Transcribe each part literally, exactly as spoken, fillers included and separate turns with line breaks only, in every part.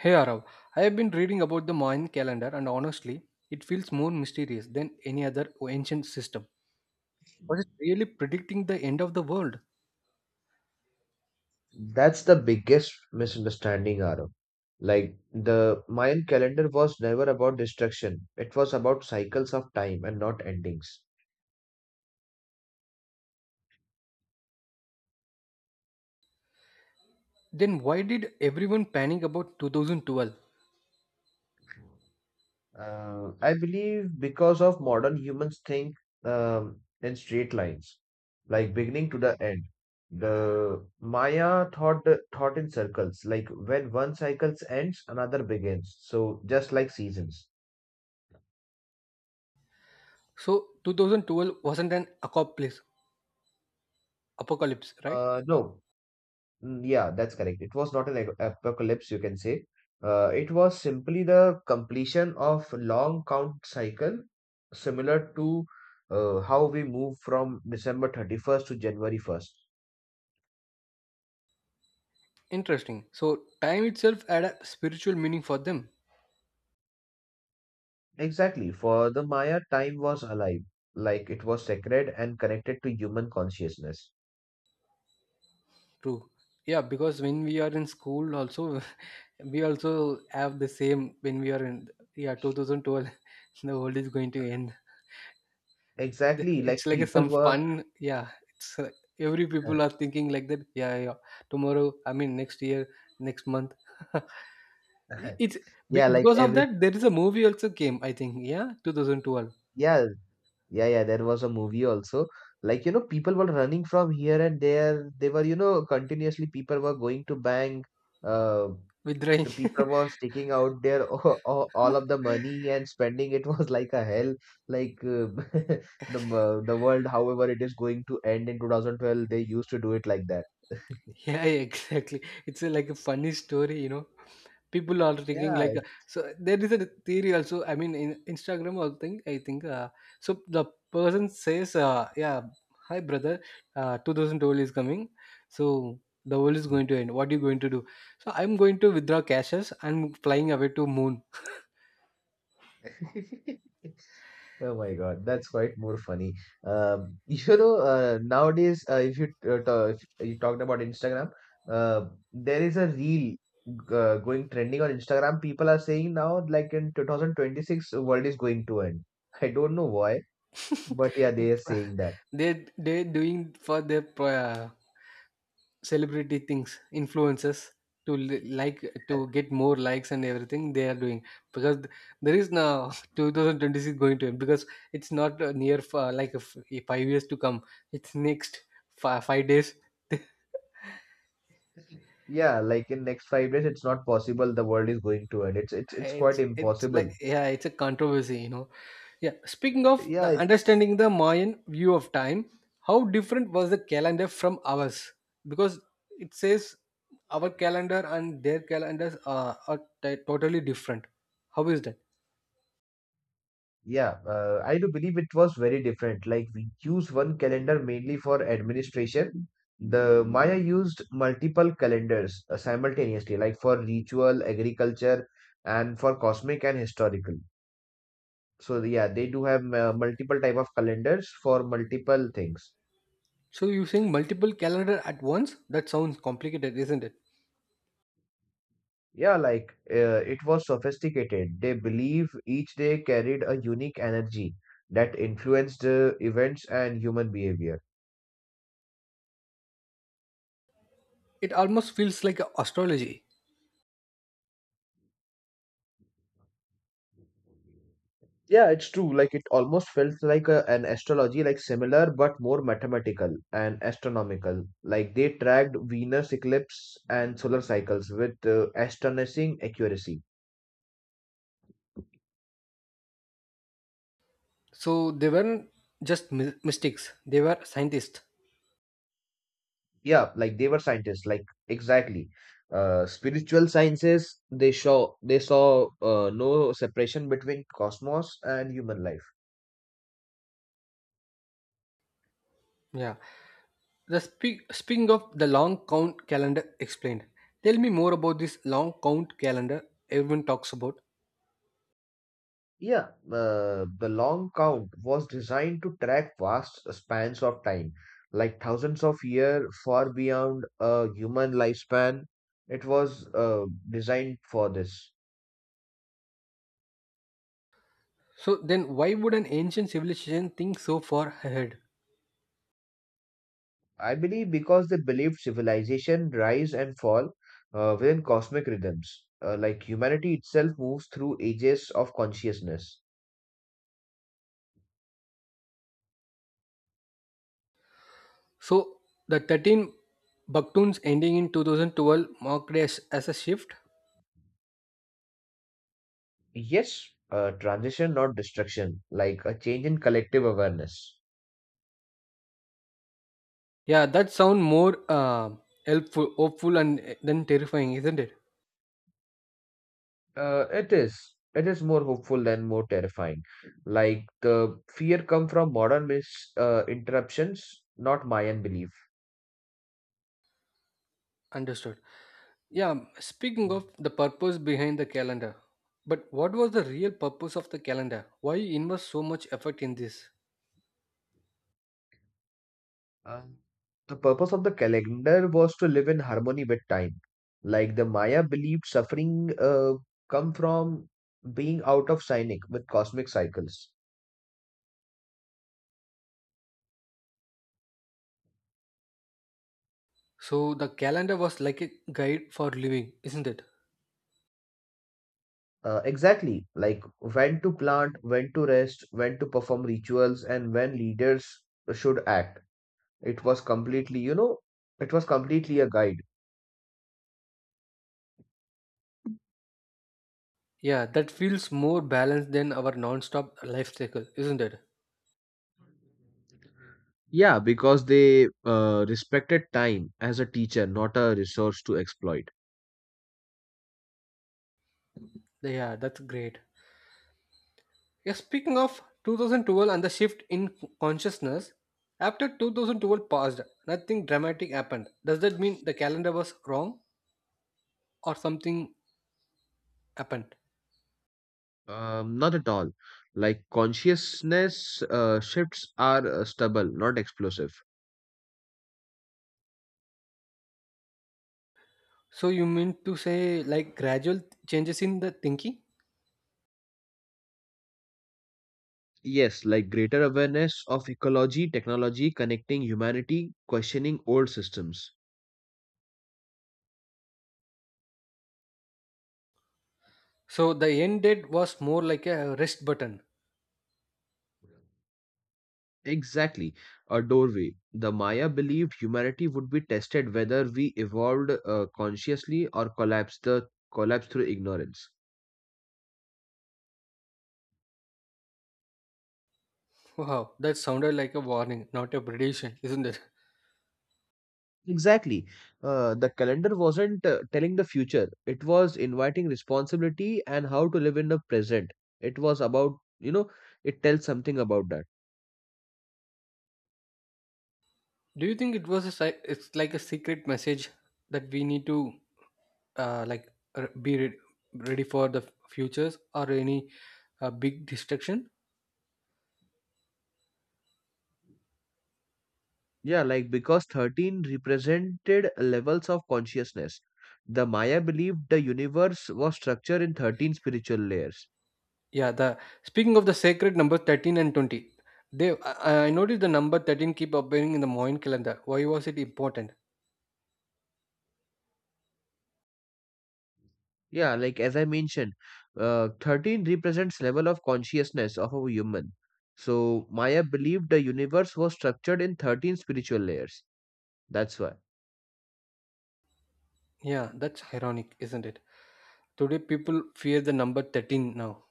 Hey Arav, I have been reading about the Mayan calendar and honestly, it feels more mysterious than any other ancient system. Was it really predicting the end of the world?
That's the biggest misunderstanding, Arav. Like the Mayan calendar was never about destruction. It was about cycles of time and not endings.
Then why did everyone panic about two thousand twelve?
Uh, I believe because of modern humans think um, in straight lines, like beginning to the end. The Maya thought thought in circles, like when one cycle ends, another begins. So just like seasons.
So two thousand twelve wasn't an apocalypse, apocalypse, right?
Uh, no, Mm, Yeah, that's correct. It was not an ag- apocalypse, you can say. Uh, it was simply the completion of long count cycle, similar to uh, how we move from December thirty-first to January first.
Interesting. So time itself had a spiritual meaning for them.
Exactly. For the Maya, time was alive, like it was sacred and connected to human consciousness.
True. Yeah, because when we are in school also, we also have the same when we are in, yeah, twenty twelve, the world is going to end. Th-
Exactly, like
it's like a,
people
some
were,
fun, yeah. It's uh, every people are thinking like that, yeah, yeah, tomorrow, I mean, next year, next month. It- it's be-
yeah, like
because of
every,
that there is a movie also came, I think, yeah, twenty twelve,
yeah, yeah, yeah, there was a movie also. Like, you know, people were running from here and there. They were, you know, continuously people were going to bank. Uh,
with rain.
the people was taking out their all, all of the money and spending it was like a hell. Like uh, the wo- the world, however, it is going to end in two thousand twelve. They used to do it like that.
Yeah, yeah, exactly. It's a, like a funny story, you know. People are thinking
Yeah.
like, uh, so, there is a theory also. I mean, in Instagram, I think I think uh, so, the person says, uh, "Yeah, hi brother, uh, two thousand twelve is coming, so the world is going to end. What are you going to do? So I'm going to withdraw cashes. I'm flying away to moon."
it's- Oh my God, that's quite more funny. Um, you know, uh, nowadays, uh, if you uh, ta- if you talked about Instagram, uh, there is a reel uh, going trending on Instagram. People are saying now, like in twenty twenty-six, the world is going to end. I don't know why, but yeah, they are saying that.
they they doing for their uh, celebrity things, influencers, to li- like to get more likes and everything they are doing, because th- there is now twenty twenty-six going to end, because it's not uh, near, for like a f- a five years to come, it's next fi- five days.
Yeah, like in next five days, it's not possible. The world is going to end. It's it's it's quite
it's it's like,
impossible.
yeah, it's a controversy you know Yeah, speaking of the
Yeah, it's
understanding the Mayan view of time, how different was the calendar from ours? Because it says our calendar and their calendars are, are t- totally different. How is that?
Yeah, uh, I do believe it was very different. Like we use one calendar mainly for administration. The Maya used multiple calendars uh, simultaneously, like for ritual, agriculture, and for cosmic and historical. So yeah, they do have uh, multiple type of calendars for multiple things.
So you're saying multiple calendar at once, that sounds complicated, isn't it?
Yeah, like uh, it was sophisticated. They believe each day carried a unique energy that influenced uh, events and human behavior.
It almost feels like a astrology.
Yeah, it's true. Like it almost felt like a, an astrology, like similar but more mathematical and astronomical. Like they tracked Venus eclipse and solar cycles with uh, astonishing accuracy.
So they weren't just mi- mystics, they were scientists.
Yeah, like they were scientists. Like exactly, uh, spiritual sciences. They saw they saw uh, no separation between cosmos and human life.
Yeah. The spe- speaking of the long count calendar explained, tell me more about this long count calendar everyone talks about.
Yeah, uh, the long count was designed to track vast spans of time, like thousands of years far beyond a human lifespan. It was uh, designed for this.
So then why would an ancient civilization think so far ahead?
I believe because they believed civilization rise and fall uh, within cosmic rhythms, uh, like humanity itself moves through ages of consciousness.
So the thirteen Baktuns ending in two thousand twelve marked as, as a shift.
Yes, uh, transition, not destruction, like a change in collective awareness.
Yeah, that sound more uh, helpful, hopeful, and uh, then terrifying, isn't it?
Uh, it is. It is more hopeful than more terrifying. Like the fear come from modern mis uh, interruptions, not Mayan belief.
Understood. Yeah, speaking of the purpose behind the calendar, but what was the real purpose of the calendar? Why invest so much effort in this?
Uh, the purpose of the calendar was to live in harmony with time. Like the Maya believed suffering uh, come from being out of sync with cosmic cycles.
So the calendar was like a guide for living, isn't it?
Uh, exactly, like when to plant, when to rest, when to perform rituals, and when leaders should act. It was completely, you know, it was completely a guide.
Yeah, that feels more balanced than our non-stop life cycle, isn't it?
Yeah, because they uh, respected time as a teacher, not a resource to exploit.
Yeah, that's great. Yeah, speaking of twenty twelve and the shift in consciousness, after two thousand twelve passed, nothing dramatic happened. Does that mean the calendar was wrong or something happened?
Um, not at all. Like consciousness uh, shifts are uh, stubble, not explosive.
So you mean to say like gradual changes in the thinking?
Yes, like greater awareness of ecology, technology, connecting humanity, questioning old systems.
So the end date was more like a rest button.
Exactly, a doorway. The Maya believed humanity would be tested whether we evolved uh, consciously or collapsed the collapse through ignorance.
Wow, that sounded like a warning, not a prediction, isn't it?
Exactly, uh, the calendar wasn't uh, telling the future. It was inviting responsibility and how to live in the present. It was about you know it tells something about that.
Do you think it was a si- it's like a secret message that we need to, uh, like, r- be re- ready for the f- futures, or any uh, big destruction?
Yeah, like because thirteen represented levels of consciousness. The Maya believed the universe was structured in thirteen spiritual layers.
Yeah, the speaking of the sacred number thirteen and twenty, they I, I noticed the number thirteen keep appearing in the Mayan calendar. Why was it important?
Yeah, like as I mentioned, uh, thirteen represents level of consciousness of a human. So Maya believed the universe was structured in thirteen spiritual layers. That's why.
Yeah, that's ironic, isn't it? Today people fear the number thirteen now.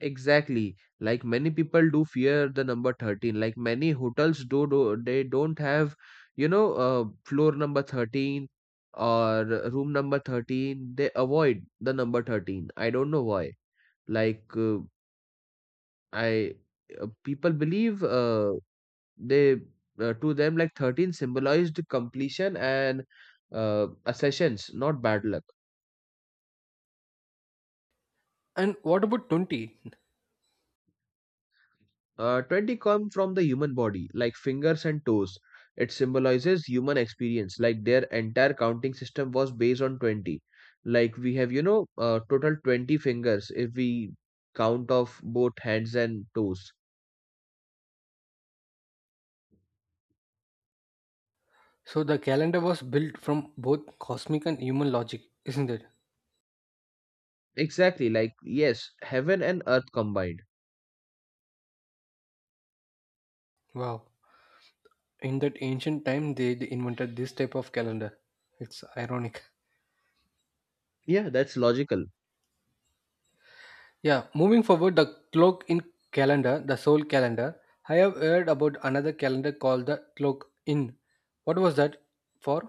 Exactly. Like many people do fear the number thirteen. Like many hotels do, do they don't have, you know, uh, floor number thirteen or room number thirteen. They avoid the number thirteen. I don't know why. Like uh, I uh, People believe uh, They uh, to them like thirteen symbolized completion and uh, accessions, not bad luck.
And what about twenty?
Uh, twenty come from the human body, like fingers and toes. It symbolizes human experience, like their entire counting system was based on twenty. Like we have, you know, uh, total twenty fingers if we count of both hands and toes.
So the calendar was built from both cosmic and human logic, isn't it?
Exactly, like yes, heaven and earth combined.
Wow. In that ancient time they, they invented this type of calendar, it's ironic.
Yeah, that's logical.
Yeah, moving forward, the clock in calendar, the soul calendar, I have heard about another calendar called the clock in, what was that for?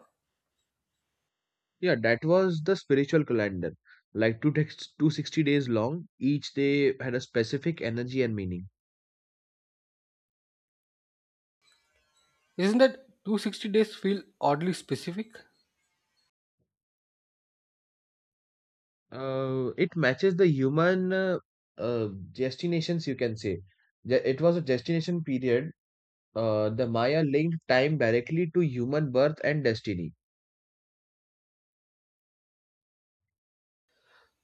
Yeah, that was the spiritual calendar. Like two texts, two hundred sixty days long, each day had a specific energy and meaning.
Isn't that two hundred sixty days feel oddly specific?
Uh, it matches the human uh, uh, destinations, you can say. Ju- It was a destination period. Uh, the Maya linked time directly to human birth and destiny.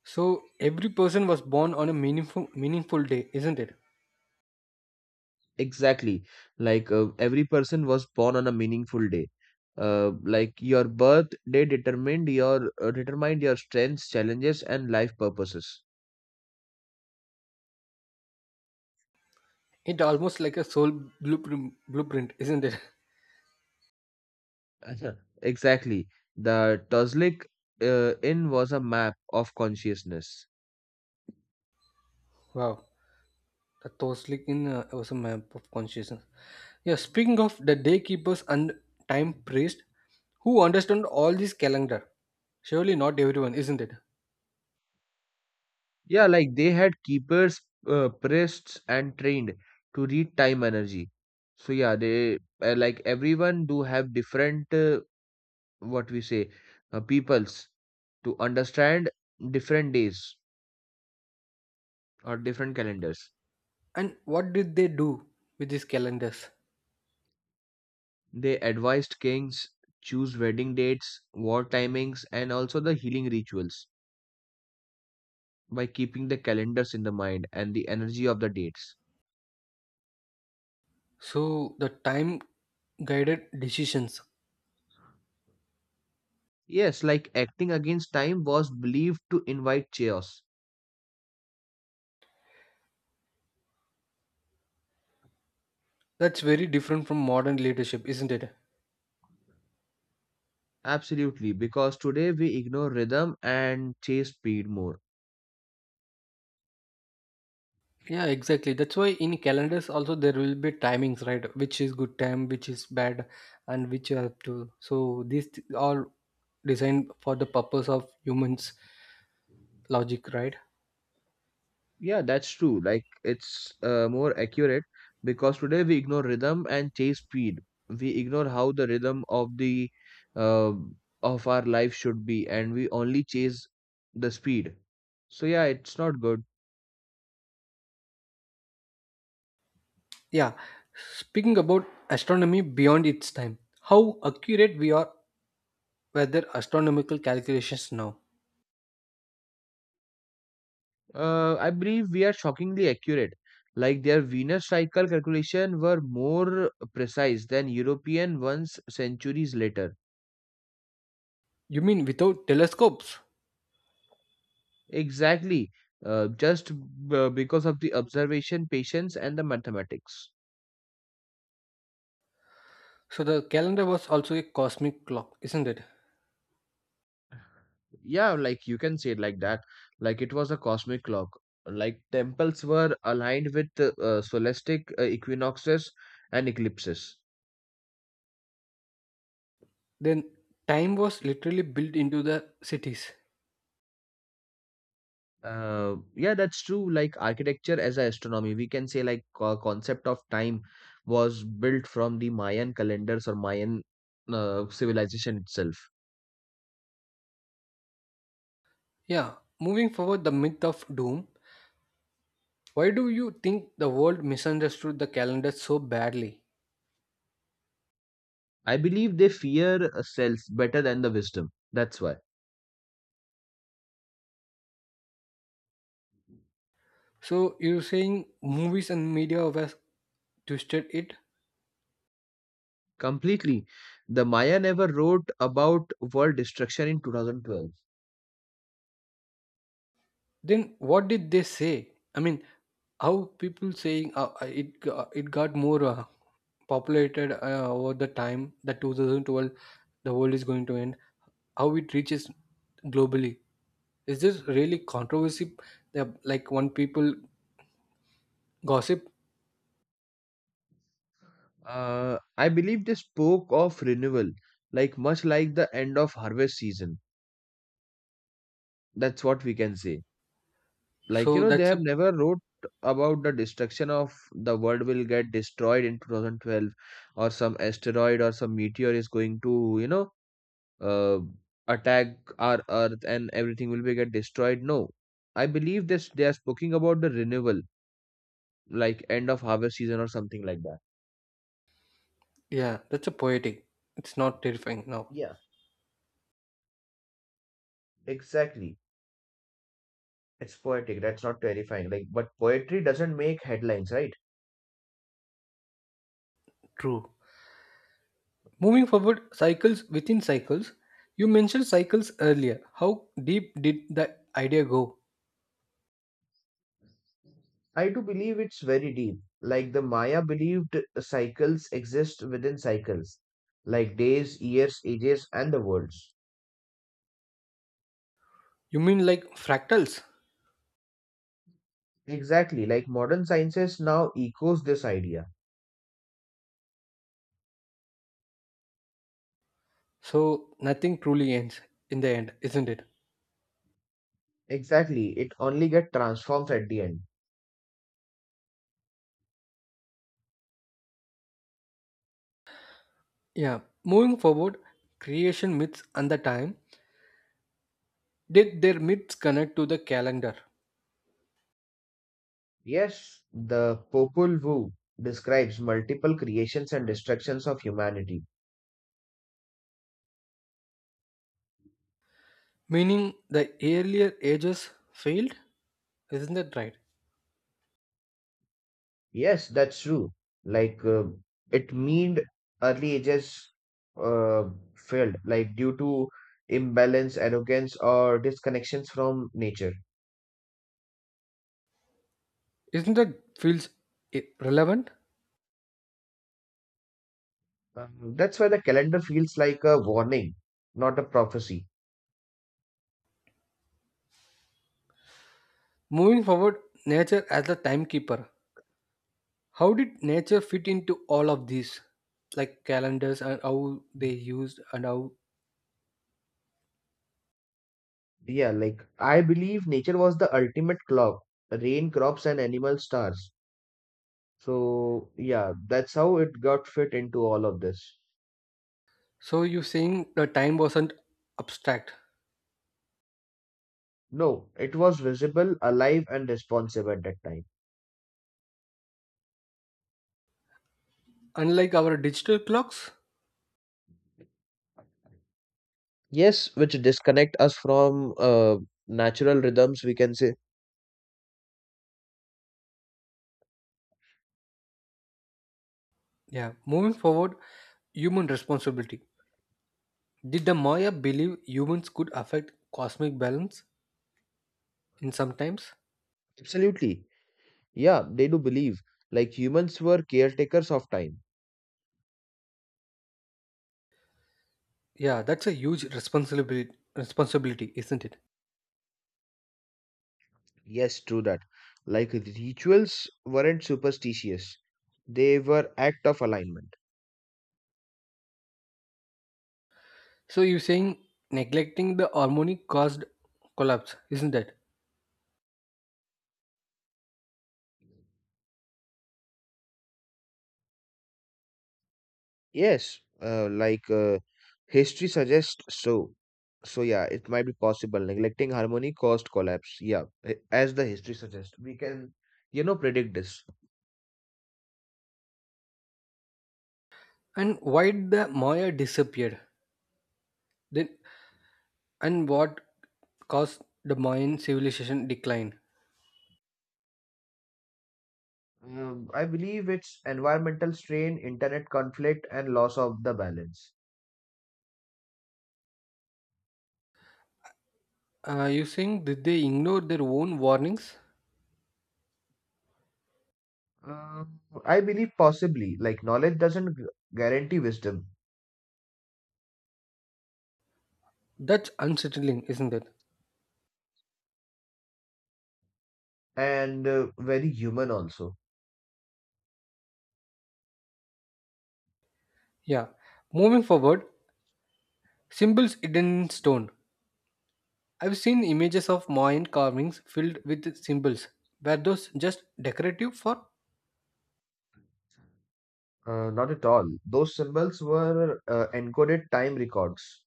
So every person was born on a meaningful meaningful day, isn't it?
Exactly. Like uh, every person was born on a meaningful day. Uh, like your birth day determined your uh, determined your strengths, challenges, and life purposes.
It almost like a soul blueprint blueprint isn't it?
Uh-huh. Exactly. The Tuzlik uh, Inn was a map of consciousness.
Wow. That was like in, uh, was a map of consciousness. Yeah, speaking of the day keepers and time priest, who understand all this calendar? Surely not everyone, isn't it?
Yeah, like they had keepers, uh, priests, and trained to read time energy. So yeah, they uh, like everyone do have different uh, what we say uh, peoples to understand different days or different calendars.
And what did they do with these calendars?
They advised kings choose wedding dates, war timings, and also the healing rituals, by keeping the calendars in the mind and the energy of the dates.
So the time guided decisions.
Yes, like acting against time was believed to invite chaos.
That's very different from modern leadership, isn't it?
Absolutely, because today we ignore rhythm and chase speed more.
Yeah, exactly. That's why in calendars also there will be timings, right? Which is good time, which is bad, and which you have to. So these th- all designed for the purpose of humans logic, right?
Yeah, that's true. Like it's uh, More accurate because today we ignore rhythm and chase speed. We ignore how the rhythm of the uh, of our life should be, and we only chase the speed. So yeah, it's not good.
Yeah. Speaking about astronomy beyond its time, how accurate we are with astronomical calculations now.
Uh, I believe we are shockingly accurate. Like their Venus cycle calculation were more precise than European ones centuries later.
You mean without telescopes?
Exactly. Uh, just b- because of the observation, patience, and the mathematics.
So the calendar was also a cosmic clock, isn't it?
Yeah, like you can say it like that. Like it was a cosmic clock. Like temples were aligned with uh, uh, solastic uh, equinoxes and eclipses.
Then time was literally built into the cities.
Uh, yeah, that's true. Like architecture as a astronomy, we can say like co- concept of time was built from the Mayan calendars or Mayan uh, civilization itself.
Yeah. Moving forward, the myth of doom. Why do you think the world misunderstood the calendar so badly?
I believe they fear uh, cells better than the wisdom. That's why
So you're saying movies and media have twisted it?
completely. The Maya never wrote about world destruction in twenty twelve.
Then what did they say? I mean, how people saying, uh, uh, it go- it got more uh, populated uh, over the time, that twenty twelve the world is going to end. How it reaches globally? Is this really controversy? That, like one people gossip.
Uh, I believe they spoke of renewal, like much like the end of harvest season. That's what we can say. Like, you
So
know, they
that's
have
a
never wrote about the destruction of the world will get destroyed in two thousand twelve or some asteroid or some meteor is going to, you know, uh, attack our earth and everything will be get destroyed. No. I believe this they are speaking about the renewal, like end of harvest season or something like that.
yeah, that's a poetic. It's not terrifying now.
Yeah, exactly. It's poetic. That's not terrifying. Like, but poetry doesn't make headlines, right?
True. Moving forward, cycles within cycles. You mentioned cycles earlier. How deep did the idea go?
I do believe it's very deep. Like the Maya believed cycles exist within cycles, like days, years, ages, and the worlds.
You mean like fractals?
Exactly, like modern sciences now echoes this idea.
So nothing truly ends in the end, isn't it?
Exactly, it only get transforms at the end.
Yeah. Moving forward, creation myths and the time. Did their myths connect to the calendar?
Yes, the Popol Vuh describes multiple creations and destructions of humanity.
Meaning the earlier ages failed? Isn't that right?
Yes, that's true. Like uh, it mean early ages uh, failed, like due to imbalance, arrogance, or disconnections from nature.
Isn't that feels i- relevant?
Um, that's why the calendar feels like a warning, not a prophecy.
Moving forward, nature as the timekeeper. How did nature fit into all of these? Like calendars and how they used and how.
Yeah, like I believe nature was the ultimate clock, rain, crops, and animal stars. So yeah, that's how it got fit into all of this.
So you're saying the time wasn't abstract.
No, it was visible, alive, and responsive at that time.
Unlike our digital clocks,
Yes, which disconnect us from uh, natural rhythms, we can say.
yeah, moving forward, human responsibility. Did the Maya believe humans could affect cosmic balance in some times?
Absolutely. Yeah, they do believe. Like humans were caretakers of time.
Yeah, that's a huge responsibility, responsibility, isn't it?
Yes, true that. Like rituals weren't superstitious, they were act of alignment.
So you're saying neglecting the harmony caused collapse, isn't it?
Yes, uh, like uh, history suggests so. So yeah, it might be possible. Neglecting harmony caused collapse. Yeah, a- as the history suggests, we can, you know, predict this.
And why did the Maya disappeared? Then and what caused the Mayan civilization decline?
Um, I believe it's environmental strain, internet conflict, and loss of the balance.
Uh, you saying did they ignore their own warnings?
Um, I believe possibly, like knowledge doesn't gu- guarantee wisdom,
That's unsettling, isn't it?
and uh, very human also.
Yeah. Moving forward, symbols hidden in stone. I've seen images of Mayan carvings filled with symbols. Were those just decorative, for
Uh, not at all. Those symbols were uh, encoded time records.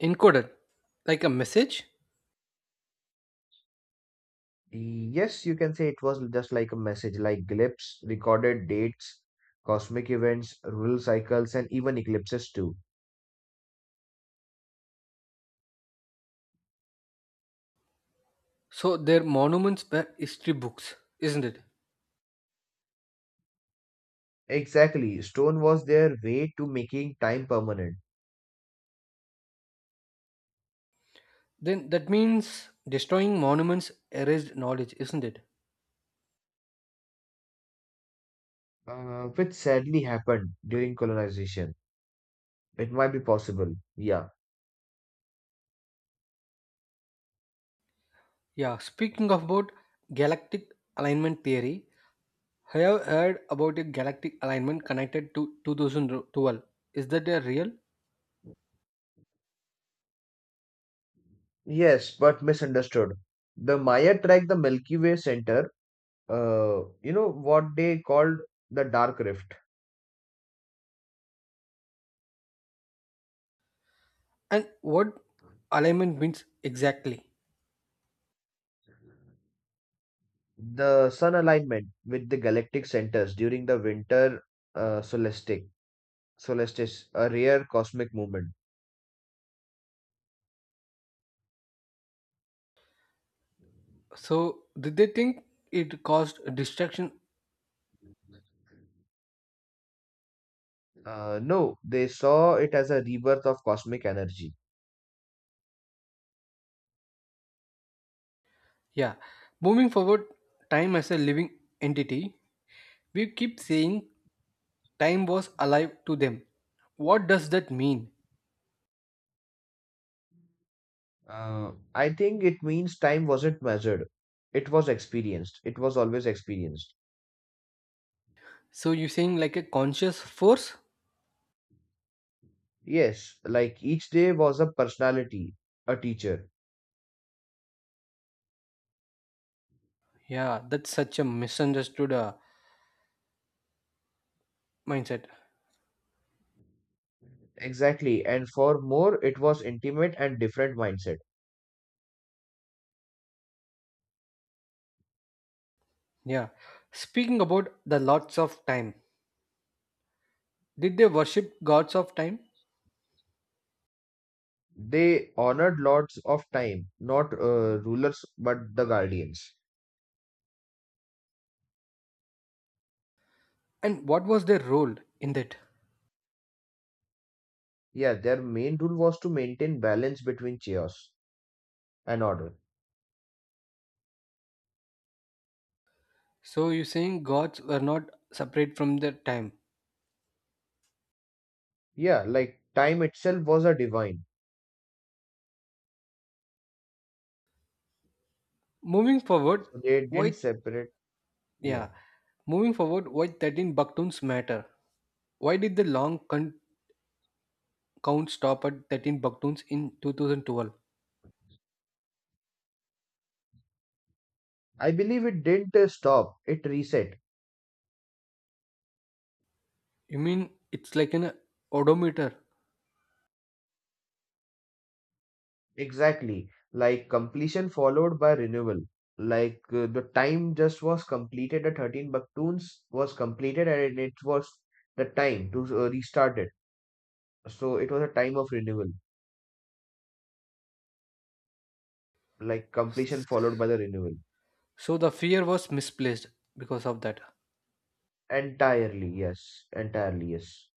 encoded, like a message?
E, Yes, you can say it was just like a message, like glyphs, recorded dates, cosmic events, lunar cycles, and even eclipses too.
So their monuments were history books, isn't it?
Exactly. Stone was their way to making time permanent.
Then that means destroying monuments erased knowledge, isn't it?
Uh, which sadly happened during colonization. It might be possible. Yeah.
Yeah. Speaking of about galactic alignment theory, I have heard about a galactic alignment connected to two thousand twelve. Is that a real?
Yes, but misunderstood. The Maya tracked the Milky Way center, uh, you know, what they called the dark rift.
And what alignment means exactly.
The sun alignment with the galactic centers during the winter uh, solstice. Solstice, a rare cosmic movement.
So, did they think it caused distraction?
Uh, no, they saw it as a rebirth of cosmic energy.
Yeah. Moving forward, time as a living entity, we keep saying time was alive to them. What does that mean?
Uh, I think it means time wasn't measured. It was experienced. It was always experienced.
So, you're saying like a conscious force?
Yes, like each day was a personality, a teacher.
Yeah, that's such a misunderstood uh, mindset.
Exactly, and for more, it was intimate and different mindset.
Yeah. Speaking about the lots of time, did they worship gods of time?
They honored lords of time, not uh, rulers, but the guardians.
And what was their role in that?
Yeah, their main rule was to maintain balance between chaos and order.
So you're saying gods were not separate from their time.
Yeah, like time itself was a divine,
Moving forward,
so they didn't
why
separate. Yeah,
yeah. Moving forward, why thirteen baktuns matter? Why did the long con- count stop at thirteen baktuns in two thousand twelve?
I believe it didn't uh, stop; it reset.
You mean it's like an odometer?
Exactly. Like completion followed by renewal. Like uh, the time just was completed, the thirteen Baktuns was completed and it was the time to uh, restart it. So it was a time of renewal. Like completion followed by the renewal.
So the fear was misplaced because of that.
Entirely, yes. Entirely, yes.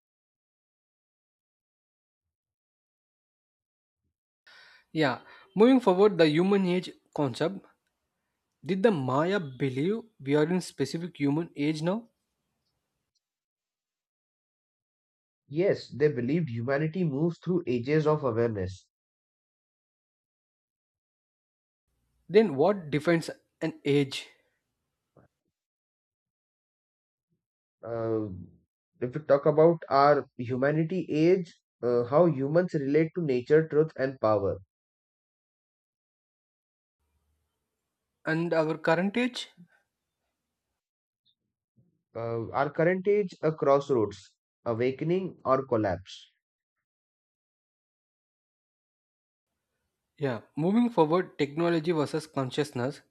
Yeah. Moving forward, the human age concept. Did the Maya believe we are in specific human age now?
Yes, they believed humanity moves through ages of awareness.
Then what defines an age?
Uh, if we talk about our humanity age, uh, how humans relate to nature, truth, and power.
And our current age?
Uh, our current age, a crossroads, awakening or collapse.
Yeah, moving forward, technology versus consciousness.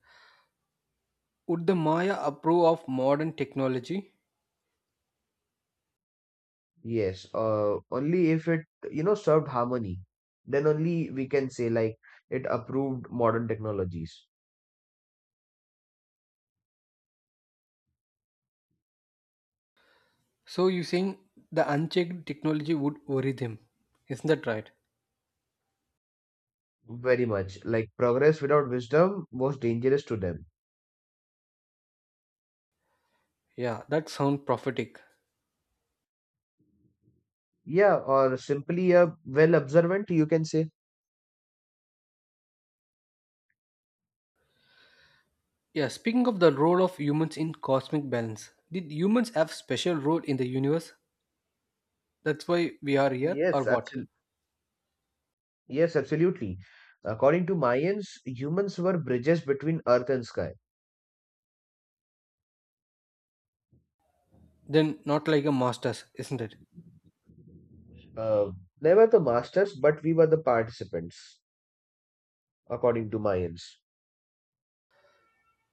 Would the Maya approve of modern technology?
Yes, uh, only if it, you know, served harmony, then only we can say like it approved modern technologies.
So you saying the unchecked technology would worry them. Isn't that right?
Very much like progress without wisdom was dangerous to them.
Yeah, that sounds prophetic.
Yeah, or simply a well observant, you can say.
Yeah, speaking of the role of humans in cosmic balance, did humans have special role in the universe? That's why we are here
Yes,
or what?
absolutely. Yes, absolutely. According to Mayans, humans were bridges between earth and sky.
Then not like a masters, isn't it?
Uh, Never the masters, but we were the participants, according to Mayans.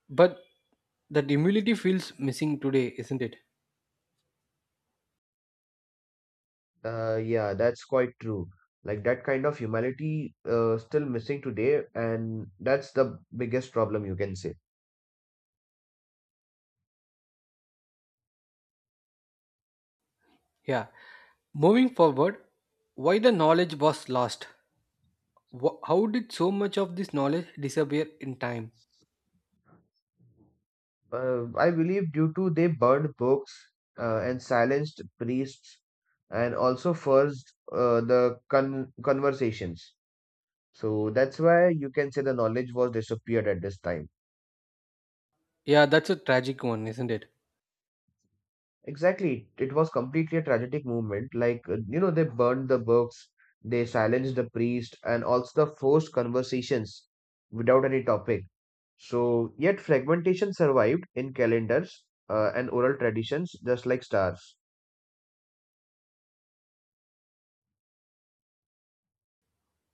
But that humility feels missing today, isn't it?
Uh, yeah, that's quite true. Like that kind of humility uh, still missing today, and that's the biggest problem you can say.
Yeah. Moving forward, why the knowledge was lost? Wha how did so much of this knowledge disappear in time?
Uh, I believe due to they burned books uh, and silenced priests, and also forced uh, the con conversations. So that's why you can say the knowledge was disappeared at this time.
Yeah, that's a tragic one, isn't it?
Exactly. It was completely a tragic movement. Like, uh, you know, they burned the books, they silenced the priest, and also the forced conversations without any topic. So, yet fragmentation survived in calendars uh, and oral traditions, just like stars.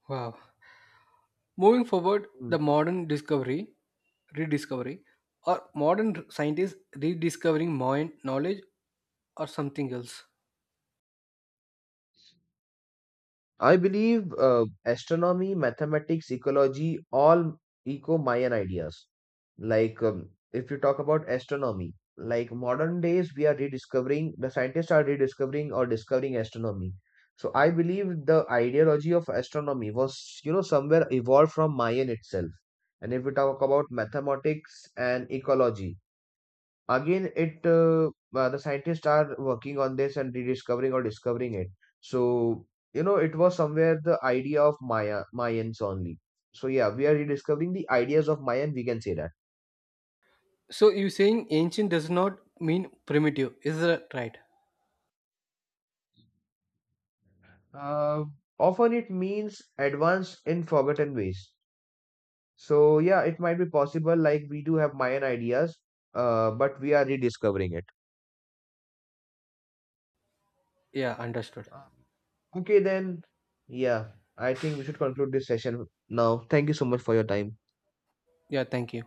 Wow. Moving forward,
Hmm.
the modern discovery, rediscovery, or modern scientists rediscovering modern knowledge or something else.
I believe uh, astronomy, mathematics, ecology, all eco Mayan ideas. Like, um, if you talk about astronomy, like modern days, we are rediscovering, the scientists are rediscovering or discovering astronomy. So, I believe the ideology of astronomy was, you know, somewhere evolved from Mayan itself. And if we talk about mathematics and ecology, again it uh, uh, the scientists are working on this and rediscovering or discovering it. So, you know it was somewhere the idea of maya Mayans only. So yeah, we are rediscovering the ideas of Mayan, we can say that.
So you saying ancient does not mean primitive, is that right?
uh, Often it means advanced in forgotten ways. So yeah, it might be possible. Like we do have Mayan ideas, uh, but we are rediscovering it.
Yeah, understood.
Um, okay then, yeah, I think we should conclude this session now. Thank you so much for your time.
Yeah, thank you.